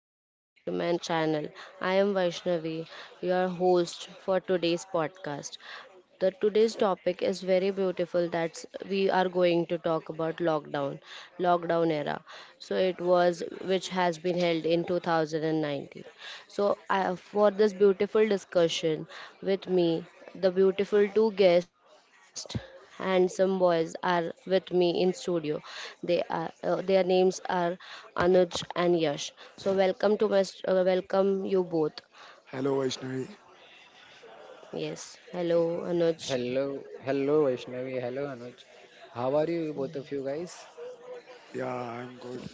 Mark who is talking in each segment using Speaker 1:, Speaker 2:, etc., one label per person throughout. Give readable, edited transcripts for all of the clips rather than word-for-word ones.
Speaker 1: Welcome back to my channel. I am Vaishnavi, your host for today's podcast. The today's topic is very beautiful. That's we are going to talk about lockdown, lockdown era. So it was which has been held in 2019. So I, for this beautiful discussion with me, the beautiful two guests handsome boys are with me in studio. They are their names are Anuj and Yash. So welcome to my welcome you both.
Speaker 2: Hello, Vaishnavi.
Speaker 1: Yes, hello Anuj.
Speaker 3: Hello, hello Vaishnavi, hello Anuj. How are you, both of you guys?
Speaker 2: Yeah, I'm good.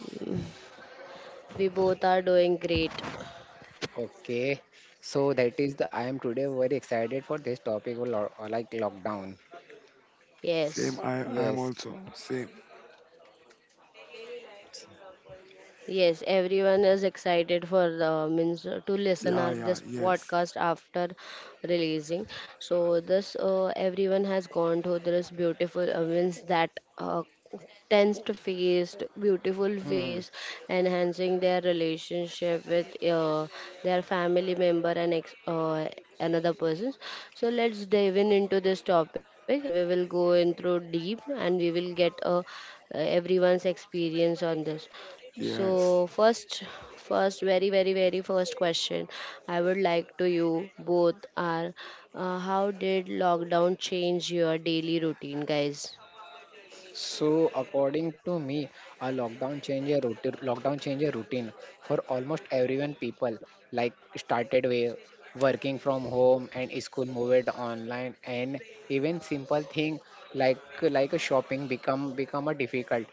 Speaker 1: We both are doing great.
Speaker 3: Okay, so that is the I am today very excited for this topic, like lockdown.
Speaker 2: Same,
Speaker 1: Yes,
Speaker 2: I am
Speaker 3: Yes.
Speaker 2: also. Same.
Speaker 1: yes, everyone is excited for the means to listen
Speaker 2: Yeah,
Speaker 1: our
Speaker 2: yeah,
Speaker 1: this
Speaker 2: yes,
Speaker 1: podcast after releasing. So this everyone has gone through this beautiful means that uh, tensed face, beautiful face, enhancing their relationship with their family member and another person. So let's dive in into this topic and we will go in through deep and we will get a everyone's experience on this. So
Speaker 2: yes,
Speaker 1: first very very first question I would like to you both are, how did lockdown change your daily routine, guys?
Speaker 3: So according to me, a lockdown change a routine. Lockdown change a routine for almost everyone. People like started with working from home and school moved online, and even simple thing like a shopping become a difficult.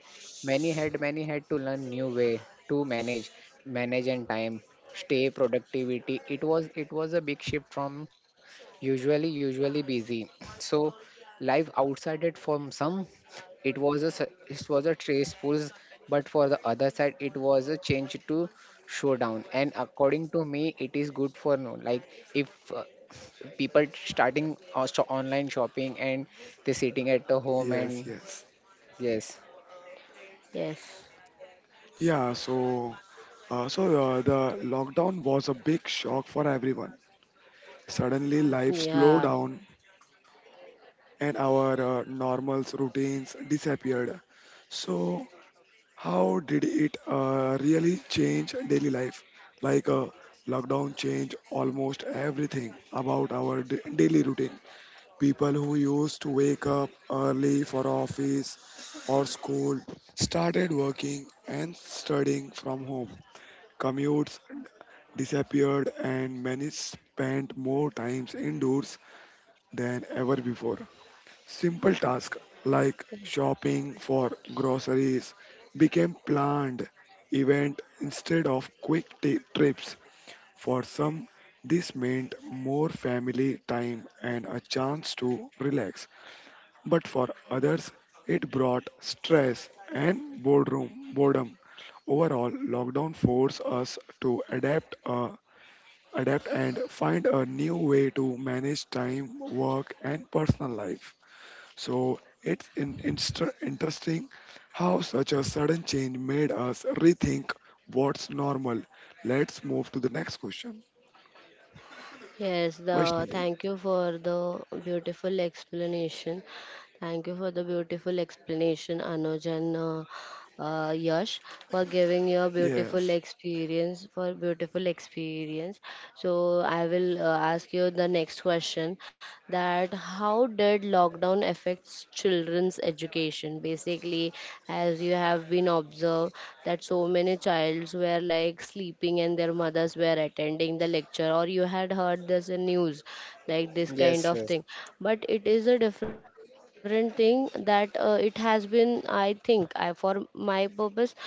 Speaker 3: Many had to learn new way to manage and time stay productivity. It was a big shift from usually busy. So life outside it from some, it was it was a trace pulls, but for the other side, it was a change to showdown. And according to me, it is good for no. Like if people starting also online shopping and they sitting at the home
Speaker 2: yes,
Speaker 3: and
Speaker 2: yes.
Speaker 3: yes,
Speaker 1: Yes,
Speaker 2: Yeah, so, the lockdown was a big shock for everyone. Suddenly, life slowed
Speaker 1: yeah,
Speaker 2: down and our normal routines disappeared. So, how did it really change daily life? Like, uh, Lockdown changed almost everything about our daily routine. People who used to wake up early for office or school started working and studying from home. Commutes disappeared, and many spent more times indoors than ever before. Simple tasks like shopping for groceries became planned events instead of quick trips. For some, this meant more family time and a chance to relax, but for others, it brought stress and boredom. Overall, lockdown forced us to adapt and find a new way to manage time, work, and personal life. So it's interesting how such a sudden change made us rethink what's normal. Let's move to the next question.
Speaker 1: yes, the
Speaker 2: Vaishnavi.
Speaker 1: thank you for the beautiful explanation. Thank you for the beautiful explanation, Anuj, and Yash, for giving your beautiful
Speaker 2: Yes.
Speaker 1: experience. For beautiful experience. So I will ask you the next question: that how did lockdown affects children's education? Basically, as you have been observed, that so many childs were like sleeping and their mothers were attending the lecture, or you had heard this in news, like this kind
Speaker 3: yes,
Speaker 1: of
Speaker 3: yes,
Speaker 1: thing. But it is a different thing that it has been, I think, I for my purpose,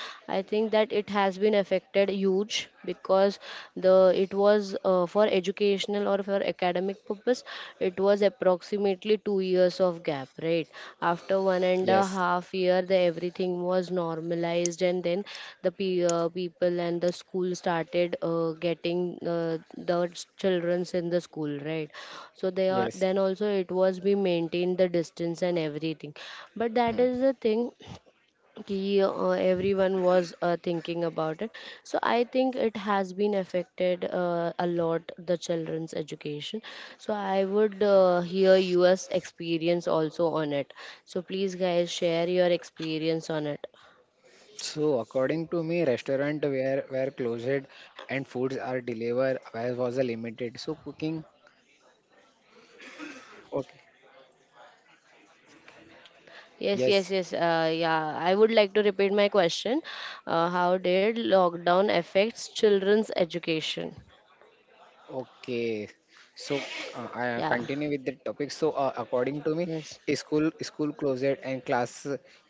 Speaker 1: I think that it has been affected huge, because the it was for educational or for academic purpose, it was approximately 2 years of gap, right? After one and
Speaker 3: yes,
Speaker 1: a half year the everything was normalized, and then the people and the school started getting, uh, the children's in the school, right? So they are
Speaker 3: yes.
Speaker 1: then also, it was we maintained the distance and everything, but that
Speaker 3: Hmm.
Speaker 1: is the thing कि, everyone was thinking about it. So I think it has been affected a lot the children's education. So I would hear your experience also on it, so please guys share your experience on it.
Speaker 3: So according to me, restaurant where closed and foods are delivered where was a limited. So cooking, okay,
Speaker 1: Yes,
Speaker 3: yes.
Speaker 1: yes, yes, yeah, I would like to repeat my question: how did lockdown affects children's education?
Speaker 3: Okay, so I
Speaker 1: Yeah.
Speaker 3: continue with the topic. So according to me,
Speaker 1: Yes,
Speaker 3: school closed and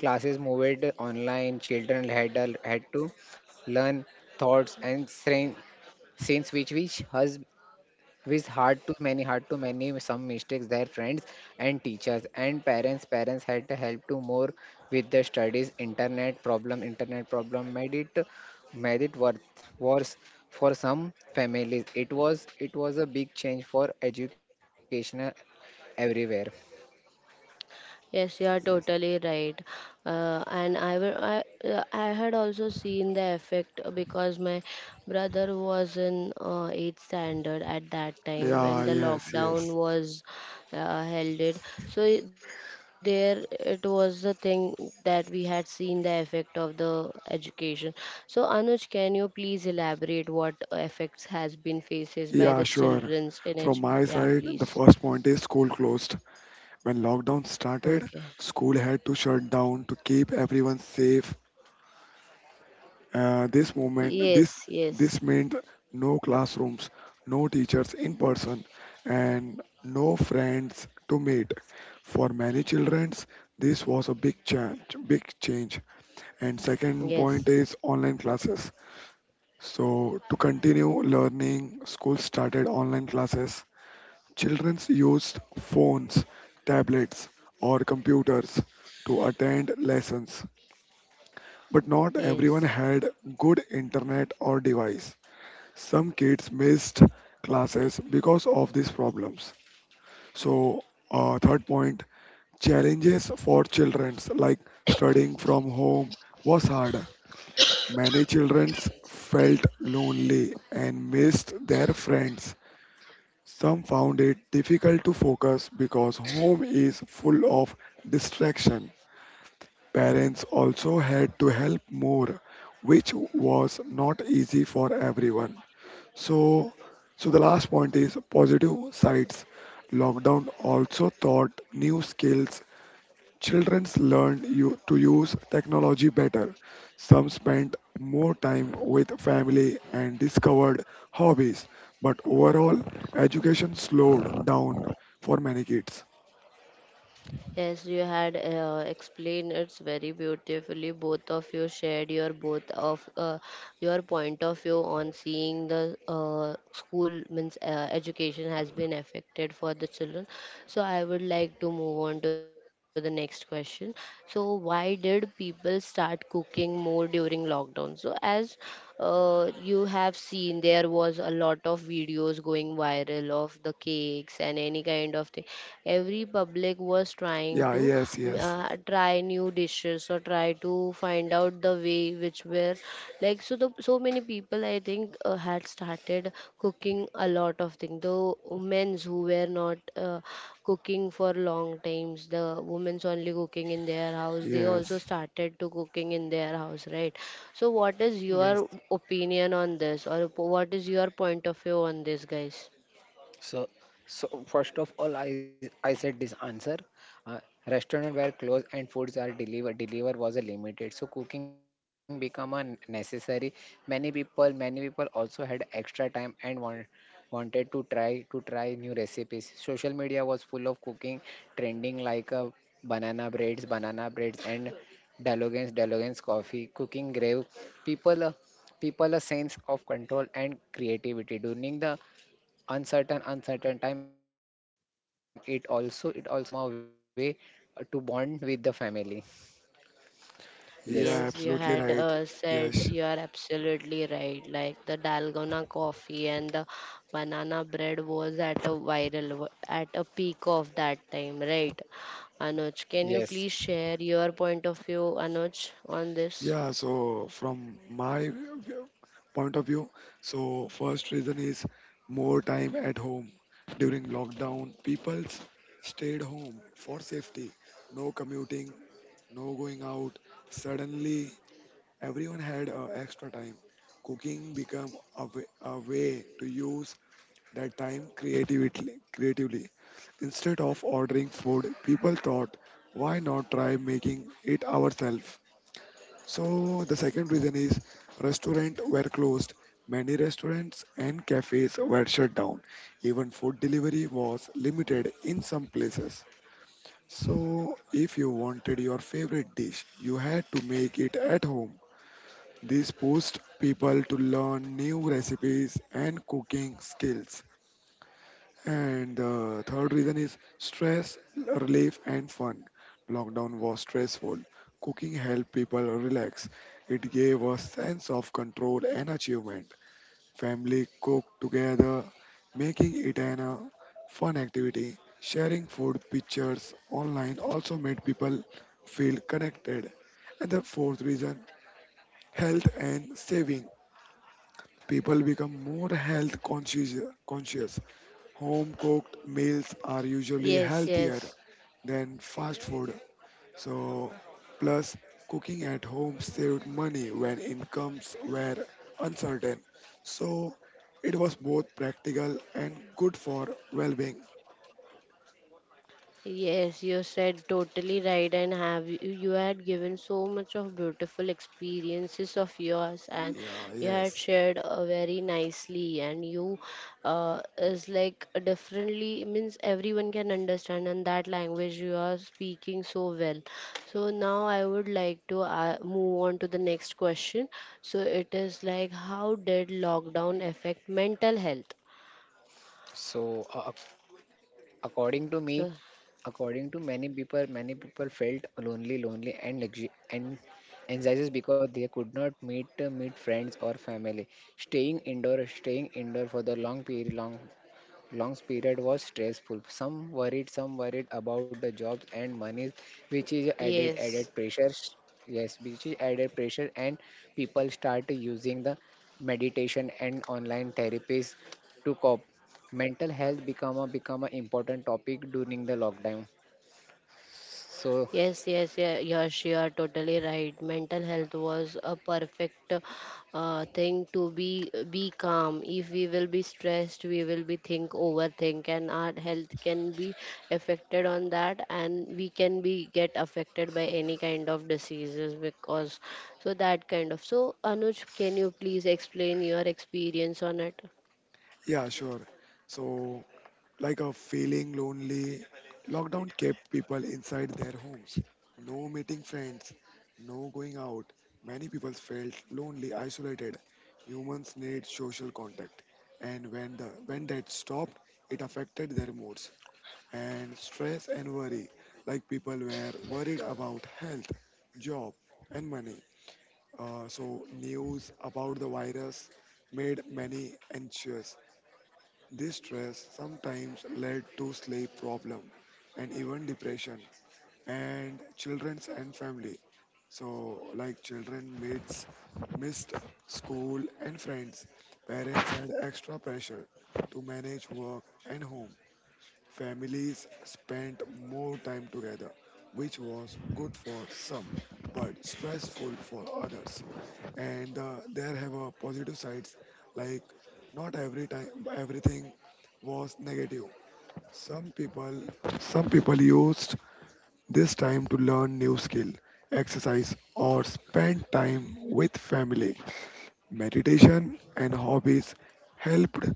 Speaker 3: classes moved online. Children had to learn thoughts and strength since which has with hard to many, hard to many some mistakes, their friends and teachers and parents had to help to more with the studies. Internet problem made it, made it worth worse for some families. It was a big change for education everywhere.
Speaker 1: yes, you are
Speaker 3: Yes,
Speaker 1: totally right. And I had also seen the effect because my brother was in eighth standard at that time when
Speaker 2: Yeah.
Speaker 1: the
Speaker 2: Yes.
Speaker 1: lockdown
Speaker 2: Yes.
Speaker 1: was held. It, so there it was the thing that we had seen the effect of the education. So Anuj, can you please elaborate what effects has been faces by the
Speaker 2: Yeah, sure.
Speaker 1: childrens in
Speaker 2: From
Speaker 1: education?
Speaker 2: my
Speaker 1: Yeah,
Speaker 2: side,
Speaker 1: please.
Speaker 2: the first point is school closed. When lockdown
Speaker 1: Okay.
Speaker 2: started, school had to shut down to keep everyone safe. This moment, this
Speaker 1: Yes, yes,
Speaker 2: this meant no classrooms, no teachers in person, and no friends to meet. For many children, this was a big change. And second
Speaker 1: yes,
Speaker 2: point is online classes. So to continue learning, school started online classes. Children used phones, tablets, or computers to attend lessons, but not everyone
Speaker 1: yes.
Speaker 2: had good internet or device. Some kids missed classes because of these problems. So, third point, challenges for children, like studying from home was hard. Many children felt lonely and missed their friends. Some found it difficult to focus because home is full of distraction. Parents also had to help more, which was not easy for everyone. So, so the last point is positive sides. Lockdown also taught new skills. Childrens learned you to use technology better. Some spent more time with family and discovered hobbies, but overall, education slowed down for many kids.
Speaker 1: Yes, you had explained it's very beautifully. Both of you shared your both of your point of view on seeing the school means education has been affected for the children. So I would like to move on to the next question. So why did people start cooking more during lockdown? So as you have seen there was a lot of videos going viral of the cakes and any kind of thing, every public was trying
Speaker 2: Yeah,
Speaker 1: to,
Speaker 2: yes, yes,
Speaker 1: try new dishes or try to find out the way which were like. So the so many people I think had started cooking a lot of things, the men's who were not cooking for long times, the women's only cooking in their house, they also
Speaker 2: yes.
Speaker 1: started to cooking in their house, right? So, what is
Speaker 3: yes.
Speaker 1: your opinion on this, or what is your point of view on this, guys?
Speaker 3: So, so first of all, I said this answer. Uh, Restaurant were closed and foods are delivered. Deliver was a limited, so cooking become a necessary. Many people also had extra time and wanted to try new recipes. Social media was full of cooking trending like banana breads, and Dalogans coffee. Cooking gave people. People a sense of control and creativity during the uncertain time. It also become a way to bond with the family. Yes,
Speaker 1: Yes,
Speaker 2: Yeah,
Speaker 1: you had
Speaker 2: absolutely right.
Speaker 1: said,
Speaker 2: Yes.
Speaker 1: you are absolutely right. Like the dalgona coffee and the banana bread was at a viral, at a peak of that time, right? Anuj, can you
Speaker 3: yes.
Speaker 1: please share your point of view, Anuj, on this?
Speaker 2: Yeah, so from point of view, so first reason is more time at home. During lockdown, people stayed home for safety. No commuting, no going out. Suddenly, everyone had extra time. Cooking became a way to use that time creatively. Instead of ordering food, people thought, why not try making it ourselves? So, the second reason is restaurants were closed. Many restaurants and cafes were shut down. Even food delivery was limited in some places. So, if you wanted your favorite dish, you had to make it at home. This pushed people to learn new recipes and cooking skills. And the third reason is stress relief and fun. Lockdown was stressful. Cooking helped people relax. It gave a sense of control and achievement. Family cook together, making it an fun activity. Sharing food pictures online also made people feel connected. And the fourth reason, health and saving. People become more health conscious. Home cooked meals are usually
Speaker 1: Yes,
Speaker 2: healthier
Speaker 1: yes.
Speaker 2: than fast food, so, plus cooking at home saved money when incomes were uncertain. So, it was both practical and good for well being.
Speaker 1: Yes, you said totally right, and have you, you had given so much of beautiful experiences of yours, and
Speaker 2: Yeah,
Speaker 1: you had
Speaker 2: yes.
Speaker 1: shared very nicely, and you is like differently means everyone can understand, and that language you are speaking so well. So now I would like to move on to the next question. So it is like, how did lockdown affect mental health?
Speaker 3: So according to me,
Speaker 1: So
Speaker 3: according to many people, many people felt lonely, and and anxieties because they could not meet meet friends or family. Staying indoor for the long period, long long period was stressful. Some worried about the jobs and money, which is
Speaker 1: yes.
Speaker 3: added pressure. Yes, which is added pressure, and people start using the meditation and online therapies to cope. Mental health become a important topic during the lockdown. So
Speaker 1: Yes, yes, yeah, Yash, you are totally right. Mental health was a perfect thing to be calm. If we will be stressed, we will be think overthink, and our health can be affected on that, and we can be get affected by any kind of diseases because so that kind of. So Anuj, can you please explain your experience on it?
Speaker 2: Yeah, sure. So, like a feeling lonely, lockdown kept people inside their homes. No meeting friends, no going out. Many people felt lonely, isolated. Humans need social contact. And when that stopped, it affected their moods. And stress and worry. Like people were worried about health, job, and money. So, news about the virus made many anxious. This stress sometimes led to sleep problem and even depression and children's and family. So, like children missed school and friends. Parents had extra pressure to manage work and home. Families spent more time together, which was good for some, but stressful for others. And there have positive sides, like not every time everything was negative. Some people, some people used this time to learn new skill, exercise, or spend time with family. Meditation and hobbies helped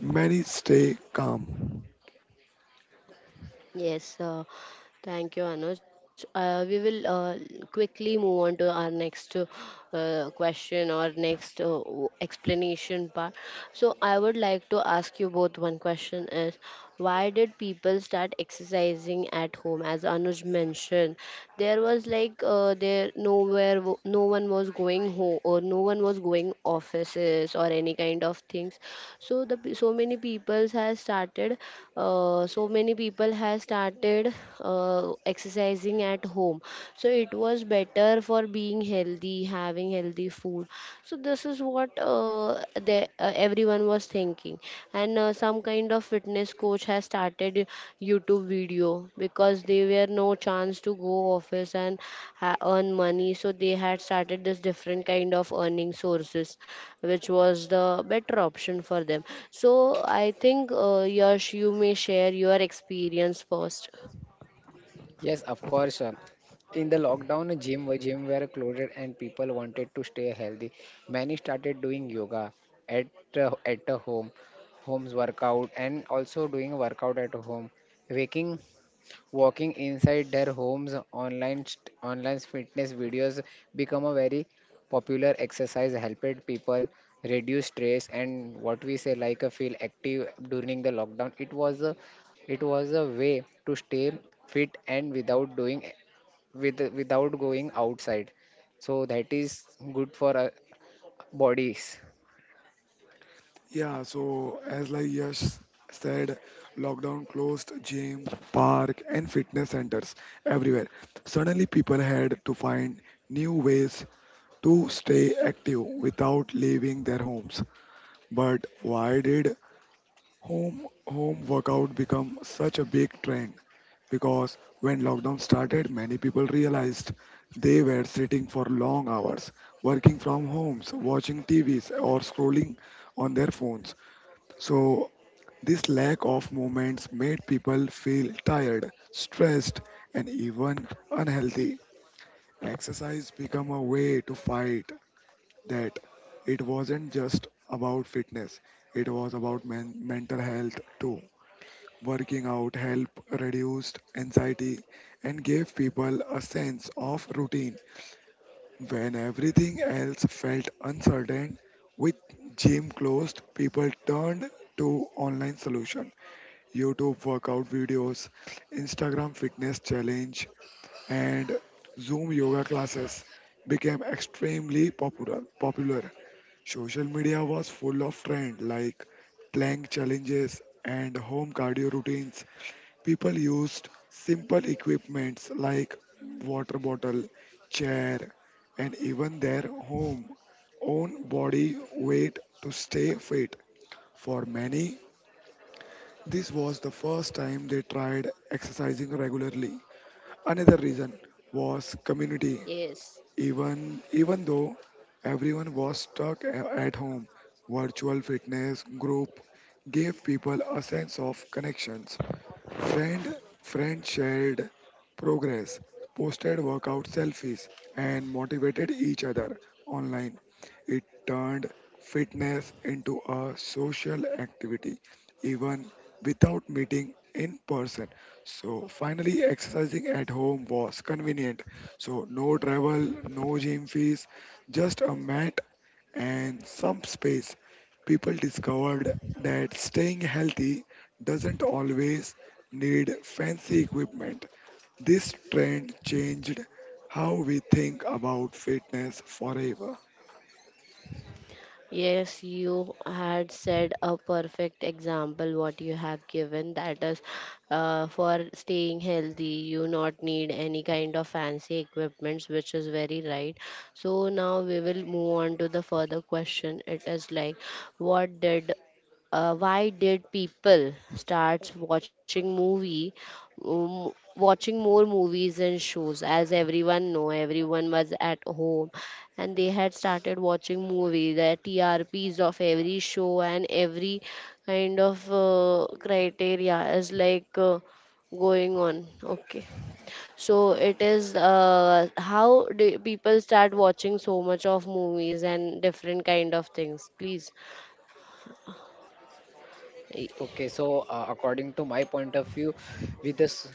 Speaker 2: many stay calm.
Speaker 1: Yes. Thank you, Anuj. We will quickly move on to our next question or next explanation part. So, I would like to ask you both one question is, why did people start exercising at home? As Anuj mentioned, there was like there nowhere no one was going home or no one was going offices or any kind of things. So the so many people has started uh, so many people has started exercising at home, so it was better for being healthy, having healthy food. So this is what everyone was thinking, and some kind of fitness coach has started YouTube video because they were no chance to go office and earn money, so they had started this different kind of earning sources which was the better option for them. So I think, Yash, you may share your experience first.
Speaker 3: yes, of course. In the lockdown, gym were closed and people wanted to stay healthy. Many started doing yoga at at the home, homes workout, and also doing workout at home. Waking Walking inside their homes, online online fitness videos become a very popular exercise, helped people reduce stress and what we say like a feel active during the lockdown. It was a way to stay fit and without doing without going outside. So that is good for our bodies.
Speaker 2: Yeah, so as like Yash said, lockdown closed gym, park, and fitness centers everywhere. Suddenly, people had to find new ways to stay active without leaving their homes. But why did home workout become such a big trend? Because when lockdown started, many people realized they were sitting for long hours, working from homes, watching TVs, or scrolling on their phones. So this lack of movements made people feel tired, stressed, and even unhealthy. Exercise became a way to fight that. It wasn't just about fitness, it was about mental health too. Working out helped reduced anxiety and gave people a sense of routine. When everything else felt uncertain, with gym closed, people turned to online solution, YouTube workout videos, Instagram fitness challenge, and Zoom yoga classes became extremely popular. Social media was full of trend like plank challenges and home cardio routines. People used simple equipments like water bottle, chair, and even their home own body weight to stay fit. For many, this was the first time they tried exercising regularly. Another reason was community.
Speaker 1: Yes.
Speaker 2: Even even though everyone was stuck at home, virtual fitness group gave people a sense of connections. Friend, friend shared progress, posted workout selfies, and motivated each other online. It turned fitness into a social activity, even without meeting in person. So finally, exercising at home was convenient. So no travel, no gym fees, just a mat and some space, people discovered that staying healthy doesn't always need fancy equipment. This trend changed how we think about fitness forever.
Speaker 1: Yes, you had said a perfect example what you have given, that is for staying healthy you not need any kind of fancy equipments which is very right. So now we will move on to the further question. It is like, what did why did people start watching movie, um, watching more movies and shows, as everyone know everyone was at home and they had started watching movie, the TRPs of every show and every kind of criteria is like going on, okay? So it is how do people start watching so much of movies and different kind of things, please. Y-
Speaker 3: Okay, so according to my point of view, with this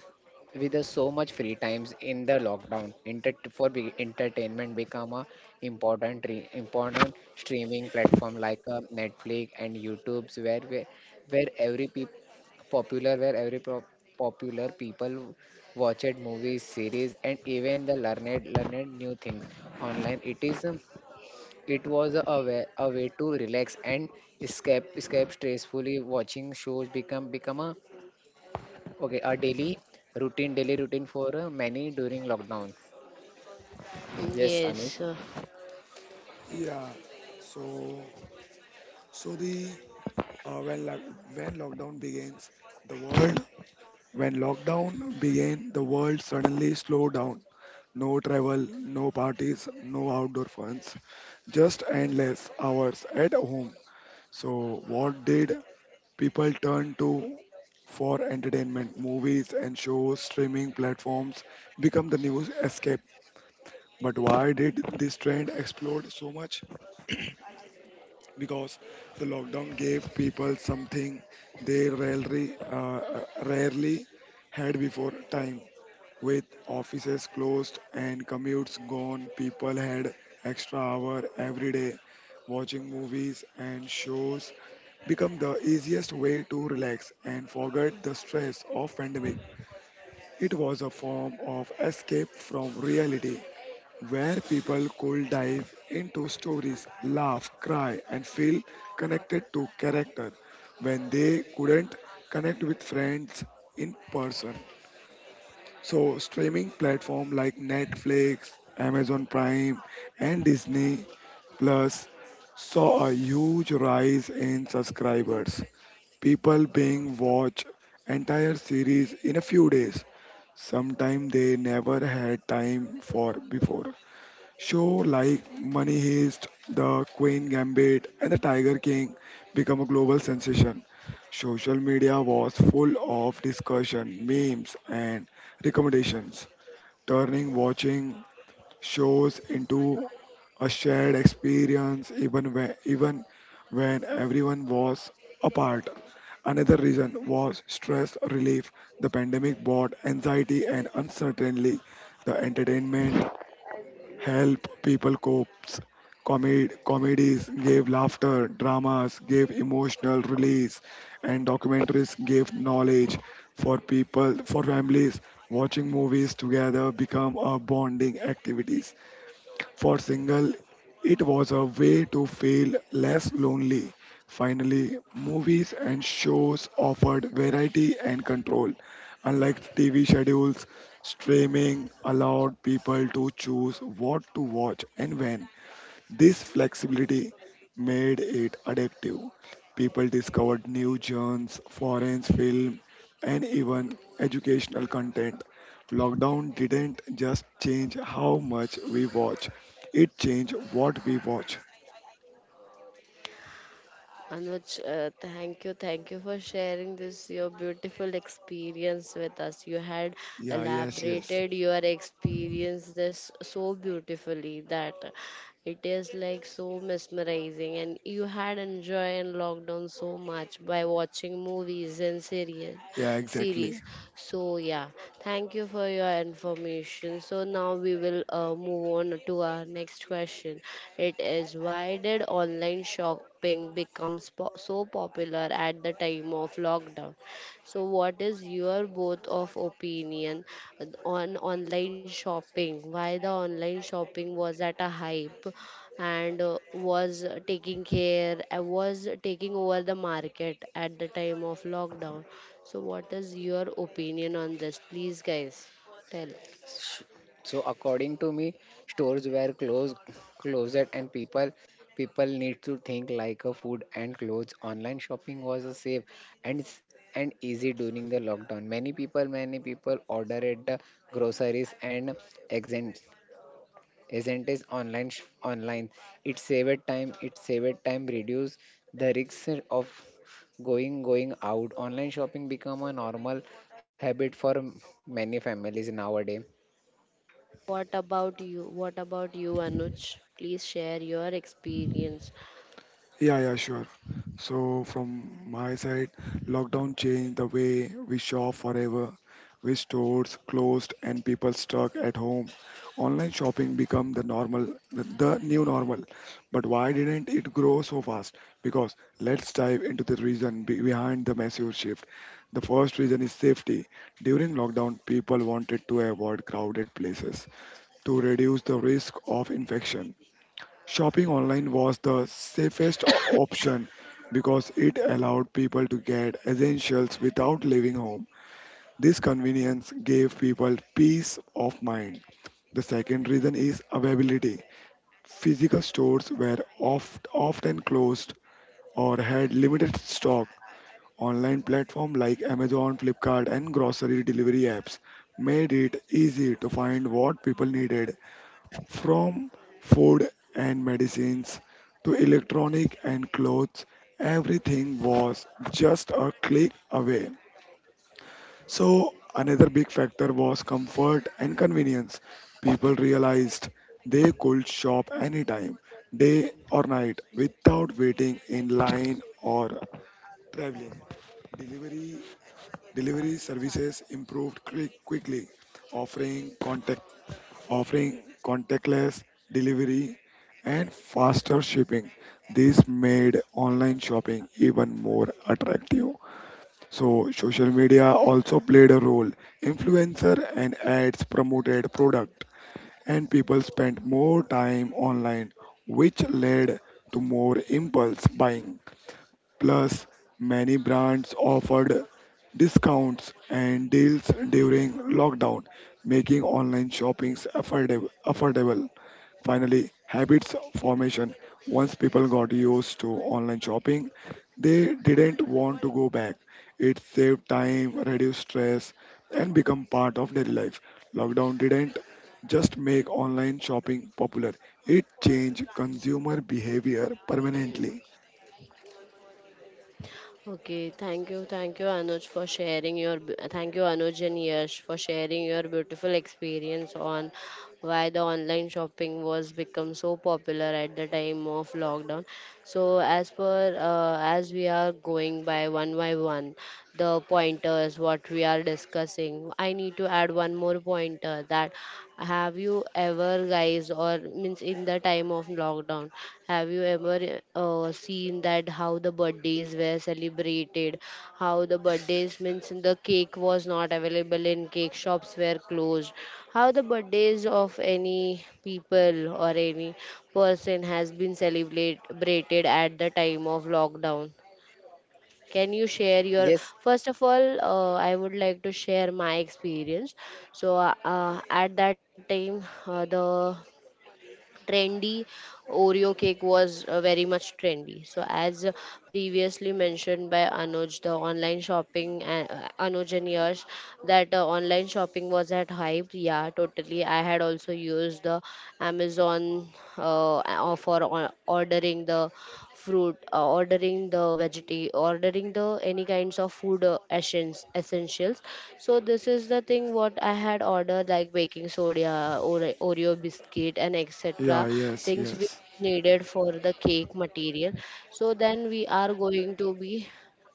Speaker 3: with the so much free times in the lockdown, inter for be entertainment become a important streaming platform like Netflix and YouTube's where every peop popular where every pro popular people watched movies, series, and even the learned new things online. It was a way, to relax and escape stressfully. Watching shows become a, okay, a daily routine, for many during lockdown. Yes,
Speaker 1: yes.
Speaker 3: Anuj.
Speaker 2: Yeah. So, so the when lock when lockdown the world began, the world suddenly slowed down. No travel, no parties, no outdoor funs, just endless hours at home. So, what did people turn to for entertainment? Movies and shows, streaming platforms become the new escape. But why did this trend explode so much? Because the lockdown gave people something they rarely had before, time. With offices closed and commutes gone, people had extra hour every day, watching movies and shows become the easiest way to relax and forget the stress of pandemic. It was a form of escape from reality where people could dive into stories, laugh, cry and feel connected to character when they couldn't connect with friends in person. So streaming platform like Netflix, Amazon Prime and Disney Plus saw a huge rise in subscribers. People being watch entire series in a few days. Sometimes they never had time for before. Show like Money Heist, The Queen Gambit, and The Tiger King become a global sensation. Social media was full of discussion, memes, and recommendations, turning watching shows into a shared experience even when everyone was apart. Another reason was stress relief. The pandemic brought anxiety and uncertainty. The entertainment helped people cope. Comedies gave laughter, dramas gave emotional release, and documentaries gave knowledge for people, for families. Watching movies together become a bonding activities. For single, it was a way to feel less lonely. Finally, movies and shows offered variety and control. Unlike TV schedules, streaming allowed people to choose what to watch and when. This flexibility made it addictive. People discovered new genres, foreign film, and even educational content. Lockdown didn't just change how much we watch, it changed what we watch.
Speaker 1: Anuj, thank you for sharing this your beautiful experience with us. You had
Speaker 2: Yeah, yes, yes.
Speaker 1: elaborated your experience this so beautifully that it is like so mesmerizing, and you had enjoyed lockdown so much by watching movies and series
Speaker 2: Yeah, exactly.
Speaker 1: series. So yeah, thank you for your information. So now we will move on to our next question. It is, why did online shopping become so popular at the time of lockdown? So what is your both of opinion on online shopping? Why the online shopping was at a hype and was taking care was taking over the market at the time of lockdown? So, what is your opinion on this? Please, guys, tell.
Speaker 3: Sh- So according to me, stores were closed, and people, need to think like a food and clothes. Online shopping was a safe and and easy during the lockdown. Many people order at the groceries and exit, isn't it, online online, it saved time, reduce the risks of going out. Online shopping become a normal habit for many families nowadays.
Speaker 1: What about you? What about you, Anuj? Please share your experience.
Speaker 2: Yeah, yeah, sure. So, from my side, lockdown changed the way we shop forever. With stores closed and people stuck at home, online shopping became the new normal. But why didn't it grow so fast? Because let's dive into the reason behind the massive shift. The first reason is safety. During lockdown, people wanted to avoid crowded places to reduce the risk of infection. Shopping online was the safest option because it allowed people to get essentials without leaving home. This convenience gave people peace of mind. The second reason is availability. Physical stores were often closed or had limited stock. Online platforms like Amazon, Flipkart, and grocery delivery apps made it easy to find what people needed, from food and medicines to electronic and clothes, everything was just a click away. So, another big factor was comfort and convenience. People realized they could shop anytime, day or night, without waiting in line or traveling. Delivery delivery services improved quickly, offering contactless delivery and faster shipping. This made online shopping even more attractive. So, social media also played a role. Influencer and ads promoted product, and people spent more time online, which led to more impulse buying. Plus, many brands offered discounts and deals during lockdown, making online shopping affordable. Finally, habits formation. Once people got used to online shopping, they didn't want to go back. It saved time, reduced stress, and become part of daily life. Lockdown didn't just make online shopping popular, it changed consumer behavior permanently.
Speaker 1: Okay, thank you, Anuj, for sharing your. Thank you, Anuj and Yash, for sharing your beautiful experience on why the online shopping was become so popular at the time of lockdown. So, as per, as we are going by one, the pointers what we are discussing, I need to add one more pointer that have you ever guys, or means, in the time of lockdown have you ever seen that how the birthdays were celebrated, how the birthdays means the cake was not available in cake shops were closed, how the birthdays of any people or any person has been celebrated at the time of lockdown. Can you share your
Speaker 3: Yes,
Speaker 1: first of all? I would like to share my experience. So at that time, the trendy Oreo cake was very much trendy. So as previously mentioned by Anuj, the online shopping, Anuj and Yash, that online shopping was at hype, yeah, totally. I had also used the Amazon for ordering the fruit, ordering the veggie, ordering the any kinds of food essentials. So this is the thing what I had ordered, like baking soda, Oreo biscuit, and
Speaker 2: Yeah,
Speaker 1: etc.
Speaker 2: yes,
Speaker 1: things which
Speaker 2: yes.
Speaker 1: is needed for the cake material. So then we are going to be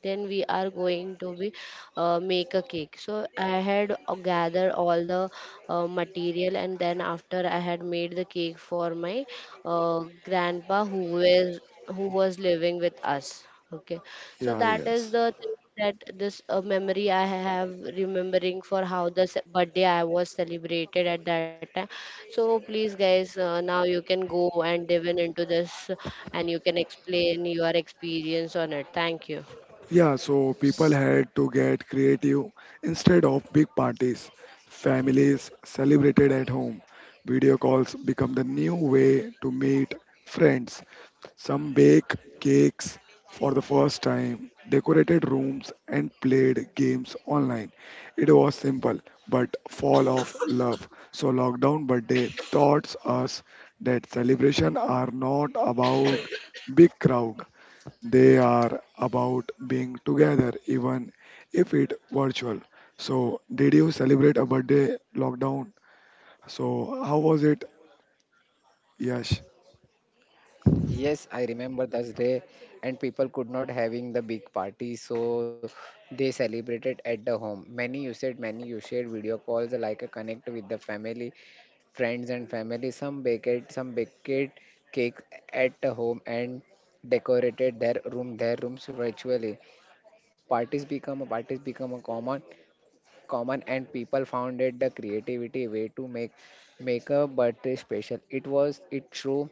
Speaker 1: then we are going to be make a cake. So I had gathered all the material, and then after I had made the cake for my grandpa who was living with us. Okay. So
Speaker 2: Yeah,
Speaker 1: that is
Speaker 2: yes.
Speaker 1: the thing, that this memory I have, remembering for how the birthday I was celebrated at that time. So please guys, now you can go and dive in into this, and you can explain your experience on it. Thank you.
Speaker 2: Yeah, so people had to get creative instead of big parties. Families celebrated at home. Video calls become the new way to meet friends. Some bake cakes for the first time, decorated rooms, and played games online. It was simple, but full of love. So, lockdown birthday taught us that celebrations are not about big crowd, they are about being together, even if it virtual. So, did you celebrate a birthday lockdown? So, how was it? Yes.
Speaker 3: yes. I remember those day and people could not having the big party, so they celebrated at the home. Many you shared video calls like a connect with the family, friends and family. Some baked cakes at home and decorated their room, their rooms virtually. Parties become a common, and people found it the creativity way to make a birthday special. It was, it show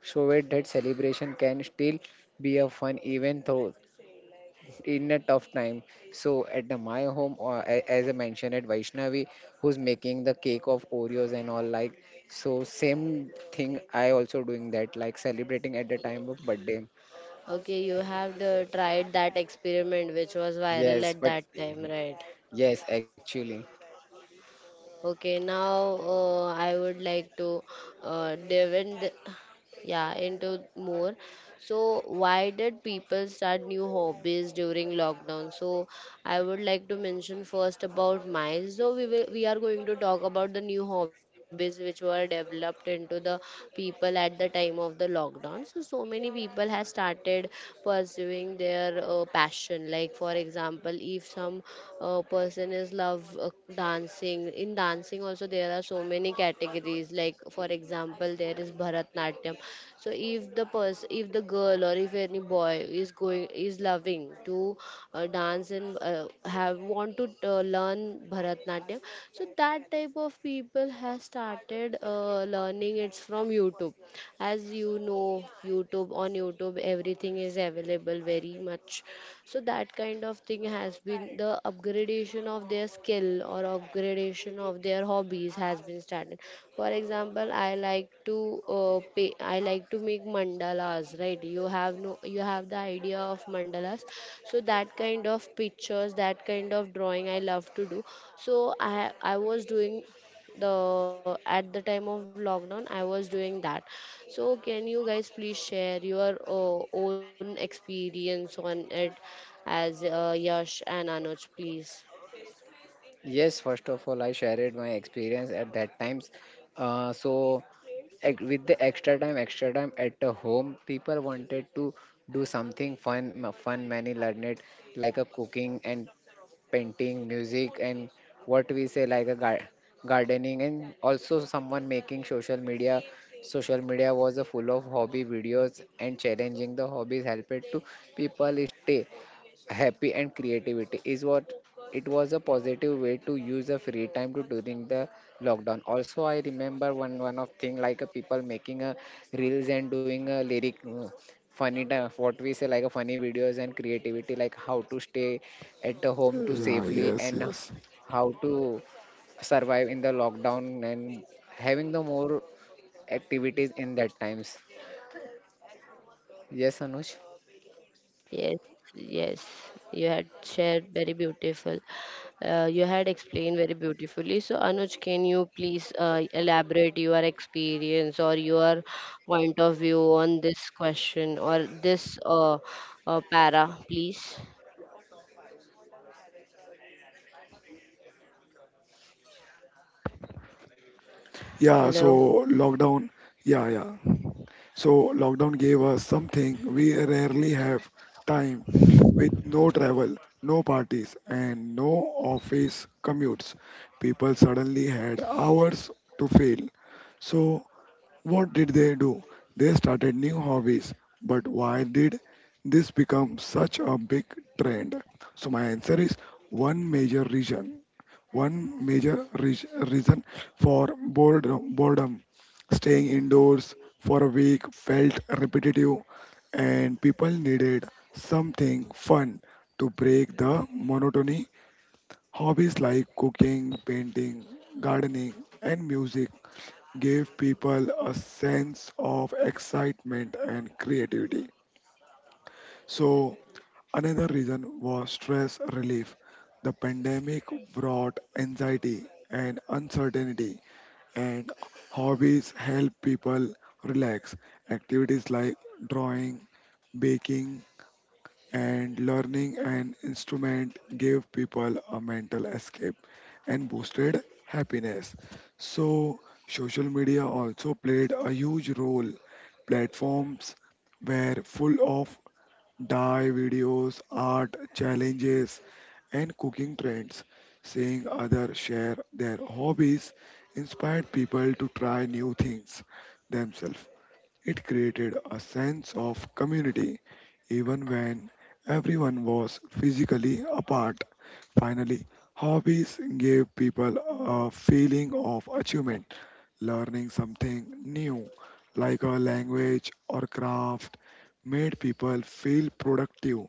Speaker 3: show it that celebration can still be a fun even though in a tough time. So at the, my home, as I mentioned, at Vaishnavi, who's making the cake of Oreos and all like. So same thing, I also doing that, like celebrating at the time of birthday.
Speaker 1: Okay, you have tried that experiment which was viral
Speaker 3: Yes,
Speaker 1: at
Speaker 3: but
Speaker 1: that time, right?
Speaker 3: yes, actually,
Speaker 1: Okay, now I would like to delve in, yeah, into more. So, why did people start new hobbies during lockdown? So, I would like to mention first about mine. So, we are going to talk about the new hobbies which were developed into the people at the time of the lockdown. So, so many people have started pursuing their passion. Like for example, if some person is love dancing, in dancing also there are so many categories. Like for example, there is bharatnatyam. So if the person, if the girl or if any boy is going, is loving to dance and have want to learn bharatnatyam, so that type of people has started learning it's from YouTube. As you know, youtube on YouTube everything is available very much. So that kind of thing has been the upgradation of their skill or upgradation of their hobbies has been started. For example, I like to I like to make mandalas, right? You have no, you have the idea of mandalas. So that kind of pictures, that kind of drawing I love to do. So I was doing the, at the time of lockdown I was doing that. So can you guys please share your own experience on it, as Yash and Anuj, please.
Speaker 3: yes. First of all, I shared my experience at that times. So with the extra time, at the home, people wanted to do something fun, fun, many learned like a cooking and painting, music, and what we say like a gardening, and also someone making social media. Social media was a full of hobby videos and challenging. The hobbies helped it to people stay happy and creativity is what, it was a positive way to use a free time to during the lockdown. Also, I remember one of thing like a people making a reels and doing a lyric, funny, what we say like a funny videos and creativity like how to stay at the home to
Speaker 2: Yeah,
Speaker 3: safely
Speaker 2: yes,
Speaker 3: and
Speaker 2: yes.
Speaker 3: how to survive in the lockdown and having the more activities in that times. Yes, Anuj.
Speaker 1: Yes, yes, you had shared very beautiful. You had explained very beautifully. So, Anuj, can you please elaborate your experience or your point of view on this question or this para, please?
Speaker 2: Yeah,
Speaker 1: Hello.
Speaker 2: so lockdown. Yeah, yeah. So, lockdown gave us something we rarely have, time with no travel, no parties, and no office commutes. People suddenly had hours to fill. So what did they do? They started new hobbies. But why did this become such a big trend? So my answer is one major reason. One major reason for boredom, staying indoors for a week felt repetitive, and people needed something fun to break the monotony. Hobbies like cooking, painting, gardening, and music give people a sense of excitement and creativity. So, another reason was stress relief. The pandemic brought anxiety and uncertainty, and hobbies help people relax. Activities like drawing, baking, and learning an instrument gave people a mental escape and boosted happiness. So, social media also played a huge role. Platforms were full of dye videos, art challenges, and cooking trends. Seeing others share their hobbies inspired people to try new things themselves. It created a sense of community even when everyone was physically apart. Finally, hobbies gave people a feeling of achievement, learning something new like a language or craft made people feel productive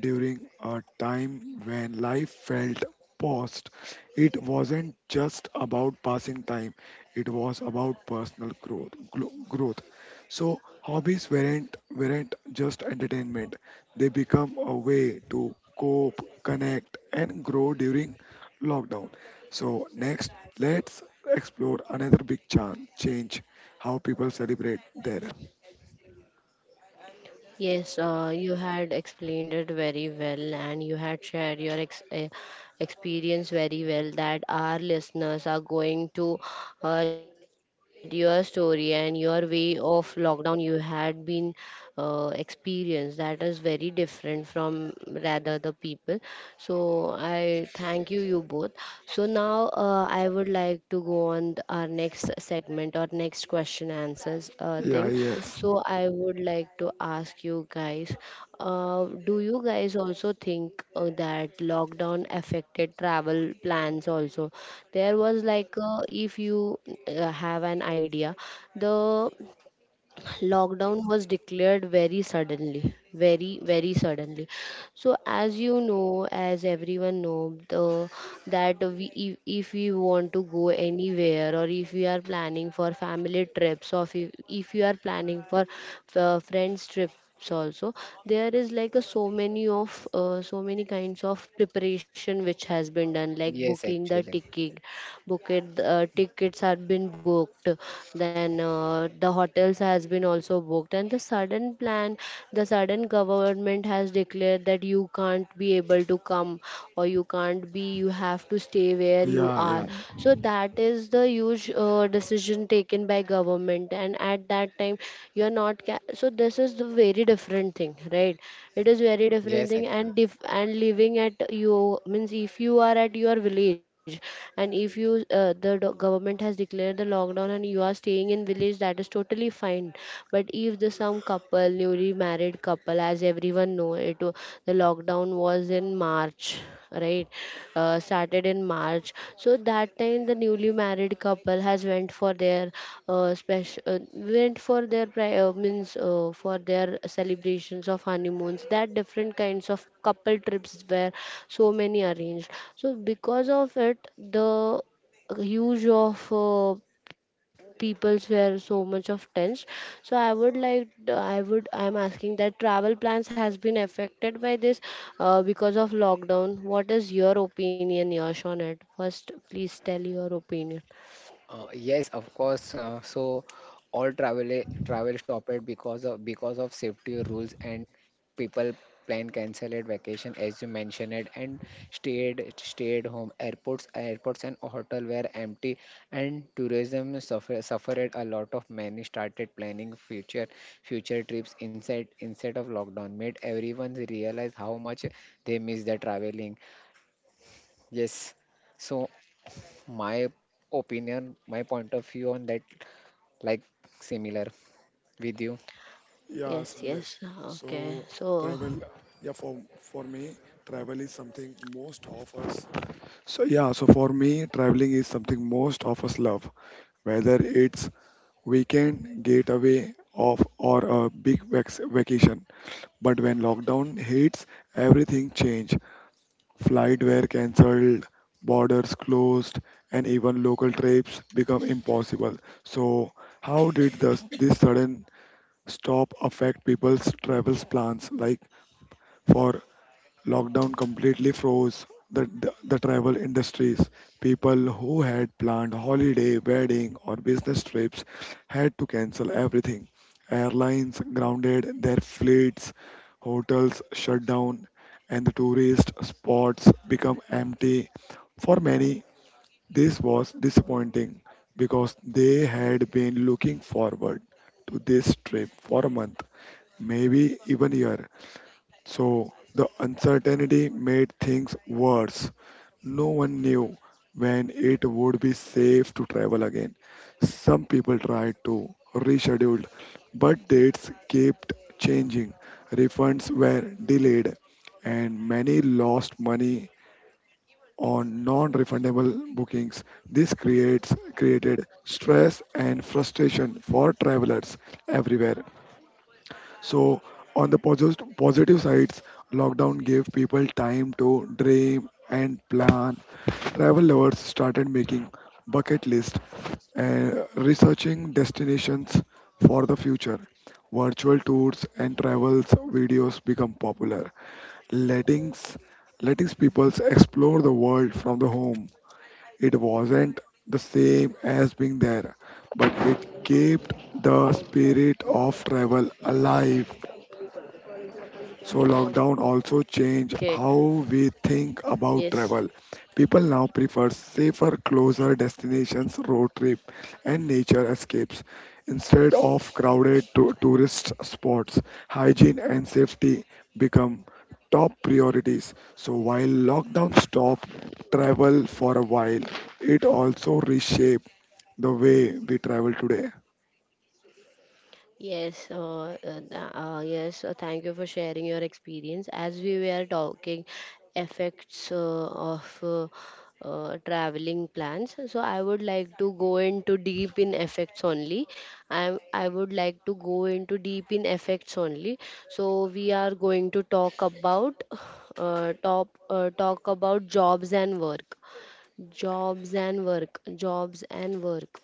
Speaker 2: during a time when life felt paused. It wasn't just about passing time, it was about personal growth. Growth. So hobbies weren't just entertainment. They become a way to cope, connect, and grow during lockdown. So next, let's explore another big change: how people celebrate their.
Speaker 1: Yes, you had explained it very well, and you had shared your experience very well, that our listeners are going to hear your story and your way of lockdown you had been experienced. That is very different from rather the people. So I thank you, you both. So now I would like to go on our next segment or next question answers
Speaker 2: Yeah,
Speaker 1: thing.
Speaker 2: yes.
Speaker 1: So I would like to ask you guys, do you guys also think that lockdown affected travel plans also? There was like if you have an idea, the lockdown was declared very suddenly, very suddenly. So as you know, as everyone know, the, that we if we want to go anywhere, or if we are planning for family trips, or if you are planning for friends trips also, there is like a so many of so many kinds of preparation which has been done, like
Speaker 3: yes
Speaker 1: booking the
Speaker 3: actually
Speaker 1: ticket, booking tickets have been booked, then the hotels has been also booked, and the sudden did plan, the sudden government has declared that you can't be able to come, or you can't be, you have to stay where you
Speaker 2: Yeah,
Speaker 1: are.
Speaker 2: yeah. Mm.
Speaker 1: So that is the huge decision taken by government, and at that time you are not. Ca- so this is the very different thing, right? It is very
Speaker 3: yes
Speaker 1: different thing.
Speaker 3: actually
Speaker 1: And if and living at you means, if you are at your village, and if you government has declared the lockdown, and you are staying in living in village, that is totally fine. But if the some couple, newly married couple, as everyone know, the lockdown was in March, right? Uh, started in March. So that time the newly married couple has went for their special went for their pri- means for their celebrations of honeymoons, that different kinds of couple trips were so many arranged. So because of it, the huge of peoples were so much of tense. So I would like I would I'm asking that travel plans has been affected by this because of lockdown. What is your opinion, Yash, on it? First please tell your opinion.
Speaker 3: Yes, of course. So all travel stopped because of, safety rules and people plan cancelled vacation, as you mentioned it, and stayed home. Airports and hotel were empty and tourism suffered a lot of. Many started planning future, trips instead, of lockdown made everyone realize how much they miss the traveling. Yes. So my opinion, my point of view on that, like similar with you.
Speaker 2: Yeah,
Speaker 1: Yes,
Speaker 2: Sandesh.
Speaker 1: yes. Okay,
Speaker 2: So
Speaker 1: so
Speaker 2: travel, yeah, for me, travel is something most of us. So yeah, so for me, traveling is something most of us love, whether it's weekend getaway off or a big vacation. But when lockdown hits, everything changed. Flight were cancelled, borders closed, and even local trips become impossible. So how did this sudden stop affect people's travels plans like for lockdown completely froze the travel industries. People who had planned holiday wedding or business trips had to cancel everything. Airlines grounded their fleets, hotels shut down, and the tourist spots become empty. For many, this was disappointing because they had been looking forward to this trip for a month, maybe even a year. So the uncertainty made things worse. No one knew when it would be safe to travel again. Some people tried to reschedule, but dates kept changing. Refunds were delayed, and many lost money on non-refundable bookings. This creates created stress and frustration for travelers everywhere. So on the positive sides, lockdown gave people time to dream and plan. Travel lovers started making bucket lists and researching destinations for the future. Virtual tours and travels videos become popular, letting letting people explore the world from the home. It wasn't the same as being there, but it kept the spirit of travel alive. So lockdown
Speaker 1: okay.
Speaker 2: also changed how we
Speaker 1: Yes.
Speaker 2: think about travel. People now prefer safer, closer destinations, road trip, and nature escapes instead of crowded tourist spots. Hygiene and safety become top priorities. So while lockdown stopped travel for a while, it also reshaped the way we travel today.
Speaker 1: Yes, yes. Thank you for sharing your experience. As we were talking, effects of traveling plans. So I would like to go into deep in effects only. I would like to go into deep in effects only. So we are going to talk about top talk about jobs and work. Jobs and work. Jobs and work.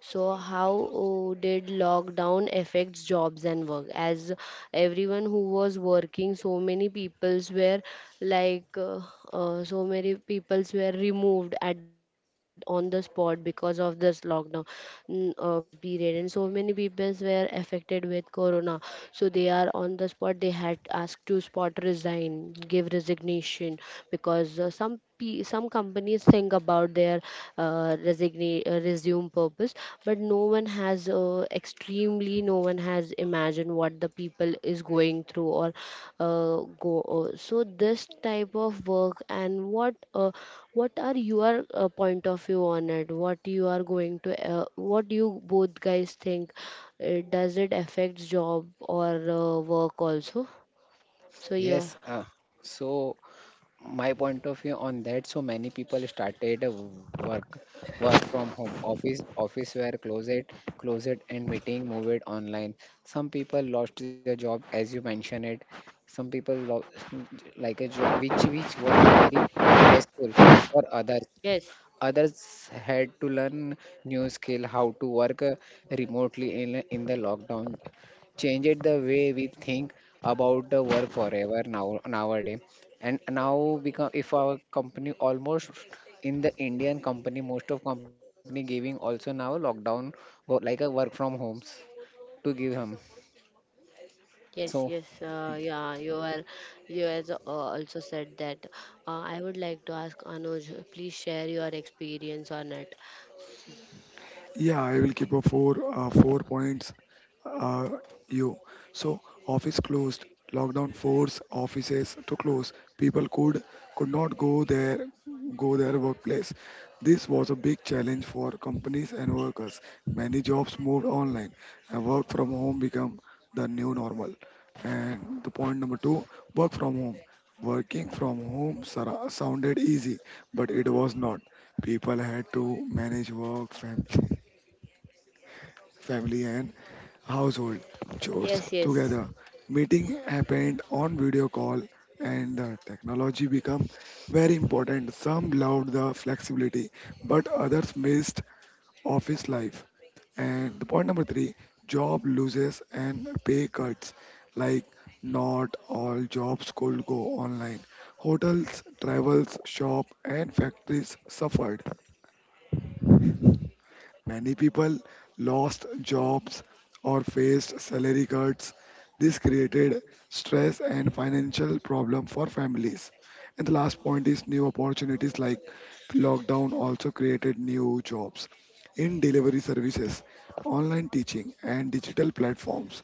Speaker 1: So, how oh, did lockdown affects jobs and work? As everyone who was working, so many peoples were like, so many peoples were removed at on the spot because of this lockdown period, and so many peoples were affected with corona. So they are on the spot. They had asked to spot resign, give resignation, because some companies think about their resume purpose, but no one has extremely no one has imagined what the people is going through, or go so this type of work. And what are your point of view on it, what you are going to what you both guys think, does it affect job or work also? So yeah.
Speaker 3: Yes, so my point of view on that, so many people started a work, work from home. Office were closet, and meeting moved online. Some people lost their job, as you mentioned it. Some people lost Like a job which, was a very stressful for others.
Speaker 1: Yes.
Speaker 3: Others had to learn new skill, how to work remotely. In the lockdown, changed the way we think about the work forever now nowadays. And now become if our company almost in the Indian company, most of company giving also now lockdown, like a work from homes to give him.
Speaker 1: Yes, yes,
Speaker 3: So
Speaker 1: yeah, you are, you has also said that. I would like to ask Anuj, please share your experience on it.
Speaker 2: Yeah, I will keep a four points. Uh, you so office closed. Lockdown forced offices to close. People could not go their workplace. This was a big challenge for companies and workers. Many jobs moved online, and work from home became the new normal. And the point number two, work from home. Working from home sounded easy, but it was not. People had to manage work, family, and household
Speaker 1: Yes,
Speaker 2: chores
Speaker 1: yes.
Speaker 2: together. Meeting happened on video call, and the technology became very important. Some loved the flexibility, but others missed office life. And the point number three, job loses and pay cuts. Like not all jobs could go online. Hotels, travels, shop, and factories suffered. Many people lost jobs or faced salary cuts. This created stress and financial problem for families. And the last point is new opportunities. Like lockdown also created new jobs in delivery services, online teaching and digital platforms.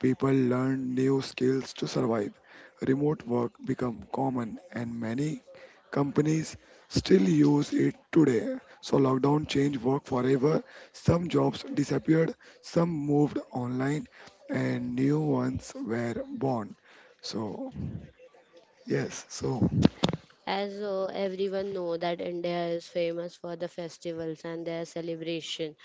Speaker 2: People learned new skills to survive. Remote work became common and many companies still use it today. So lockdown changed work forever. Some jobs disappeared, some moved online, and new ones were born. So, yes, so,
Speaker 1: As everyone know that India is famous for the festivals and their celebration.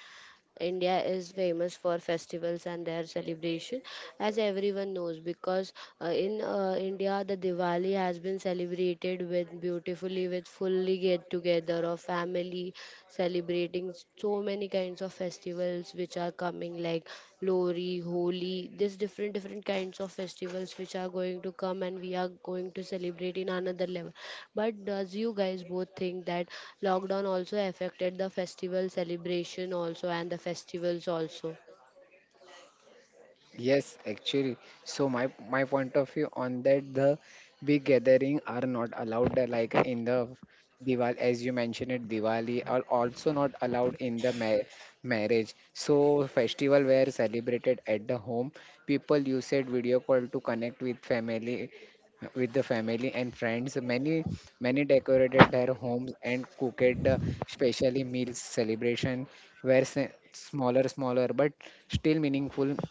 Speaker 1: India is famous for festivals and their celebration, as everyone knows, because in India, the Diwali has been celebrated with beautifully, with fully get together of family, celebrating so many kinds of festivals which are coming, like Lori, Holi, this different different kinds of festivals which are going to come, and we are going to celebrate in another level. But does you guys both think that lockdown also affected the festival celebration also and the festivals also?
Speaker 3: yes, actually. So my point of view on that, the big gathering are not allowed like in the Diwali, as you mentioned it, Diwali are also not allowed in the ma marriage. So festival were celebrated at the home. People used video call to connect with family, with the family and friends. Many decorated their homes and cooked specially meals. Celebration were smaller, but still meaningful,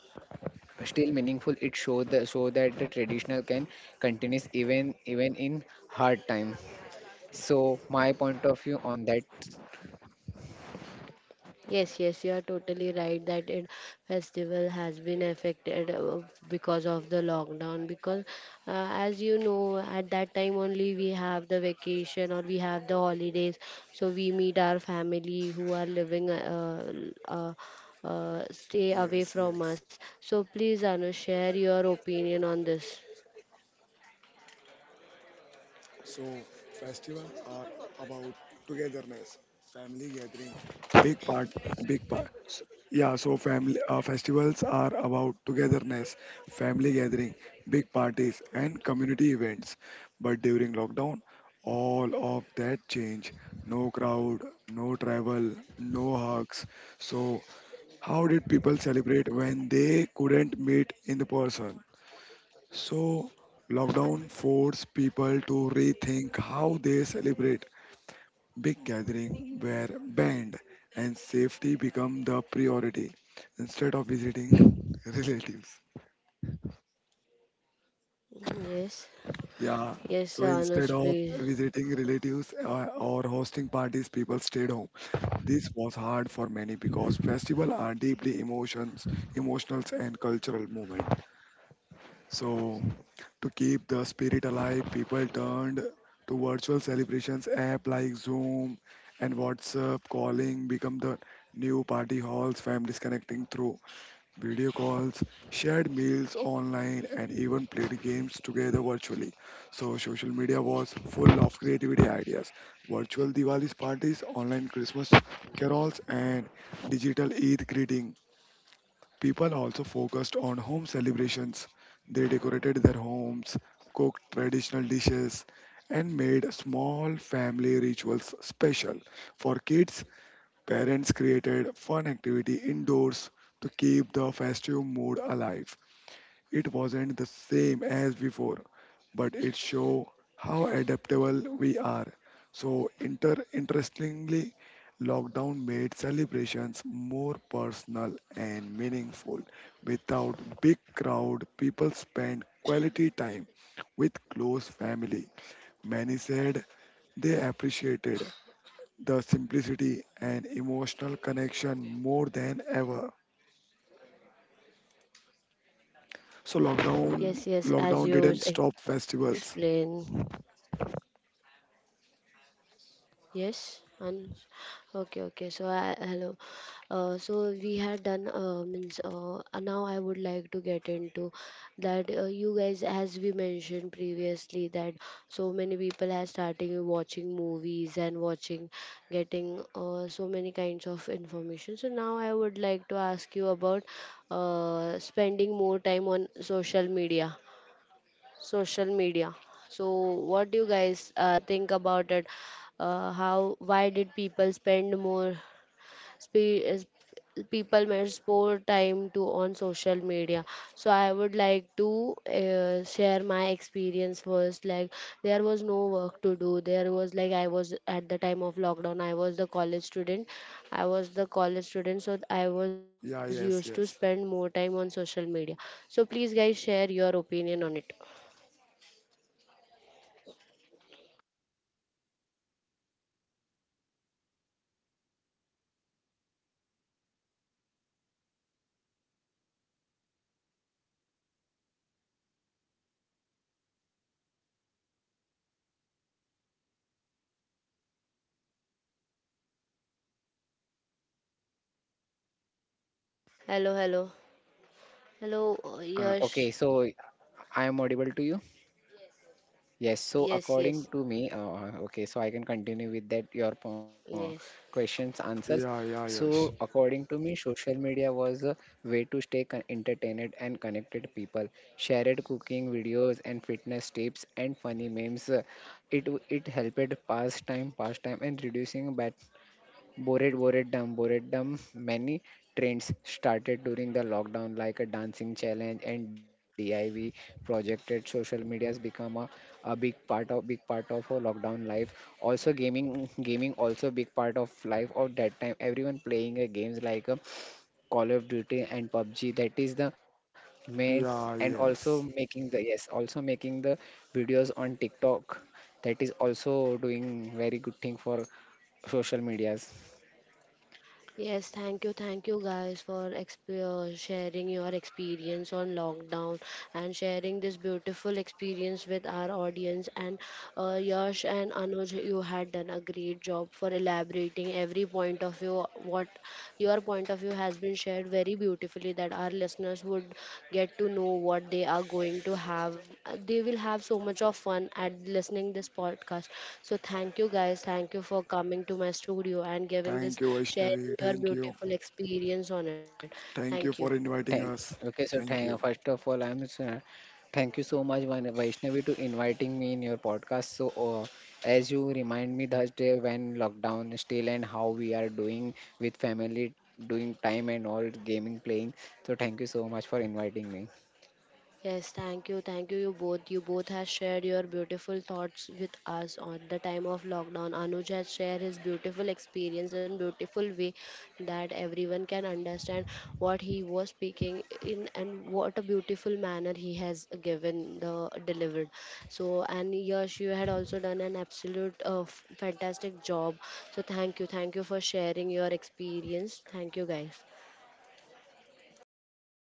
Speaker 3: it show the, so that the traditional can continues even, in hard time. So my point of view on that.
Speaker 1: Yes, yes, you are totally right that it festival has been affected because of the lockdown. Because as you know, at that time only we have the vacation or we have the holidays, so we meet our family who are living uh, stay away
Speaker 2: yes,
Speaker 1: from
Speaker 2: yes.
Speaker 1: us. So please, Anu, share your opinion on this.
Speaker 2: So, festival are about togetherness, family gathering, big part, big part. Yeah, so family festivals are about togetherness, family gathering, big parties, and community events. But during lockdown, all of that change. No crowd, no travel, no hugs. So, how did people celebrate when they couldn't meet in the person? So, lockdown forced people to rethink how they celebrate. Big gatherings were banned and safety became the priority instead of visiting relatives.
Speaker 1: Yes, yes,
Speaker 2: Yeah.
Speaker 1: Anuj,
Speaker 2: So
Speaker 1: please.
Speaker 2: instead of visiting relatives or hosting parties, people stayed home. This was hard for many because festivals are deeply emotional and cultural movement. So to keep the spirit alive, people turned to virtual celebrations app like Zoom and WhatsApp calling become the new party halls, families connecting through video calls, shared meals online and even played games together virtually. So social media was full of creativity ideas. Virtual Diwali's parties, online Christmas carols and digital Eid greeting. People also focused on home celebrations. They decorated their homes, cooked traditional dishes, and made small family rituals special. For kids, parents created fun activity indoors to keep the festive mood alive. It wasn't the same as before, but it shows how adaptable we are. So, interestingly, lockdown made celebrations more personal and meaningful. Without big crowd, people spend quality time with close family. Many said they appreciated the simplicity and emotional connection more than ever. So
Speaker 1: Yes, yes, as
Speaker 2: lockdown
Speaker 1: you
Speaker 2: lockdown didn't stop
Speaker 1: explain.
Speaker 2: festivals.
Speaker 1: Yes, and okay, okay. So I, hello. So we had done means now I would like to get into that you guys, as we mentioned previously, that so many people are starting watching movies and watching getting so many kinds of information. So now I would like to ask you about spending more time on social media, social media. So, what do you guys think about it? How? Why did people spend more? Spe- is- people spend more time to on social media. So I would like to share my experience first. Like, there was no work to do. There was like, I was at the time of lockdown, I was the college student, so I was used to
Speaker 2: Yeah, yes,
Speaker 1: spend more
Speaker 2: yes.
Speaker 1: time on social media. So please guys, share your opinion on it. Hello, hello. Hello,
Speaker 3: Okay,
Speaker 1: Yash.
Speaker 3: so I am audible to you. Yes, so
Speaker 1: Yes, yes,
Speaker 3: according to me, okay, so I can continue with that your
Speaker 1: yes.
Speaker 3: questions answers.
Speaker 2: Yeah, yeah, yes.
Speaker 3: So according to me, social media was a way to stay entertained and connected people. Shared cooking videos and fitness tips and funny memes. It helped pass time, and reducing bad. Bored, dumb. Many trends started during the lockdown, like a dancing challenge and DIY projected. Social media has become a, big part of our lockdown life. Also, gaming also big part of life of that time. Everyone playing a games like a Call of Duty and PUBG. That is the main, and
Speaker 2: Yeah,
Speaker 3: also
Speaker 2: yes.
Speaker 3: making the, yes, also making the videos on TikTok. That is also doing very good thing for social medias.
Speaker 1: Yes, thank you guys for sharing your experience on lockdown and sharing this beautiful experience with our audience. And Yash and Anuj, you had done a great job for elaborating every point of view, what your point of view interview has been shared very beautifully, that our listeners would get to know what they are going to have. They will have so much of fun at listening this podcast. So thank you guys. Thank you for coming to my studio and giving
Speaker 2: Thank
Speaker 1: this,
Speaker 2: you, Vaishnavi.
Speaker 1: sharing your
Speaker 2: Thank you.
Speaker 1: beautiful experience on it. Thank
Speaker 2: Thank
Speaker 1: you.
Speaker 2: you for inviting
Speaker 3: Thank
Speaker 2: us.
Speaker 3: okay, so
Speaker 2: Thank
Speaker 3: thank
Speaker 2: you.
Speaker 3: First of all, I'm thank you so much, Vaishnavi, to inviting me in your podcast. So, as you remind me that day when lockdown is still and how we are doing with family, doing time and all gaming playing. So, thank you so much for inviting me.
Speaker 1: Yes, thank you, you both. You both have shared your beautiful thoughts with us on the time of lockdown. Anuj has shared his beautiful experience and beautiful way that everyone can understand what he was speaking in, and what a beautiful manner he has given the delivered. So, and Yash, you had also done an absolute fantastic job. So, thank you for sharing your experience. Thank you, guys.
Speaker 3: Thank you.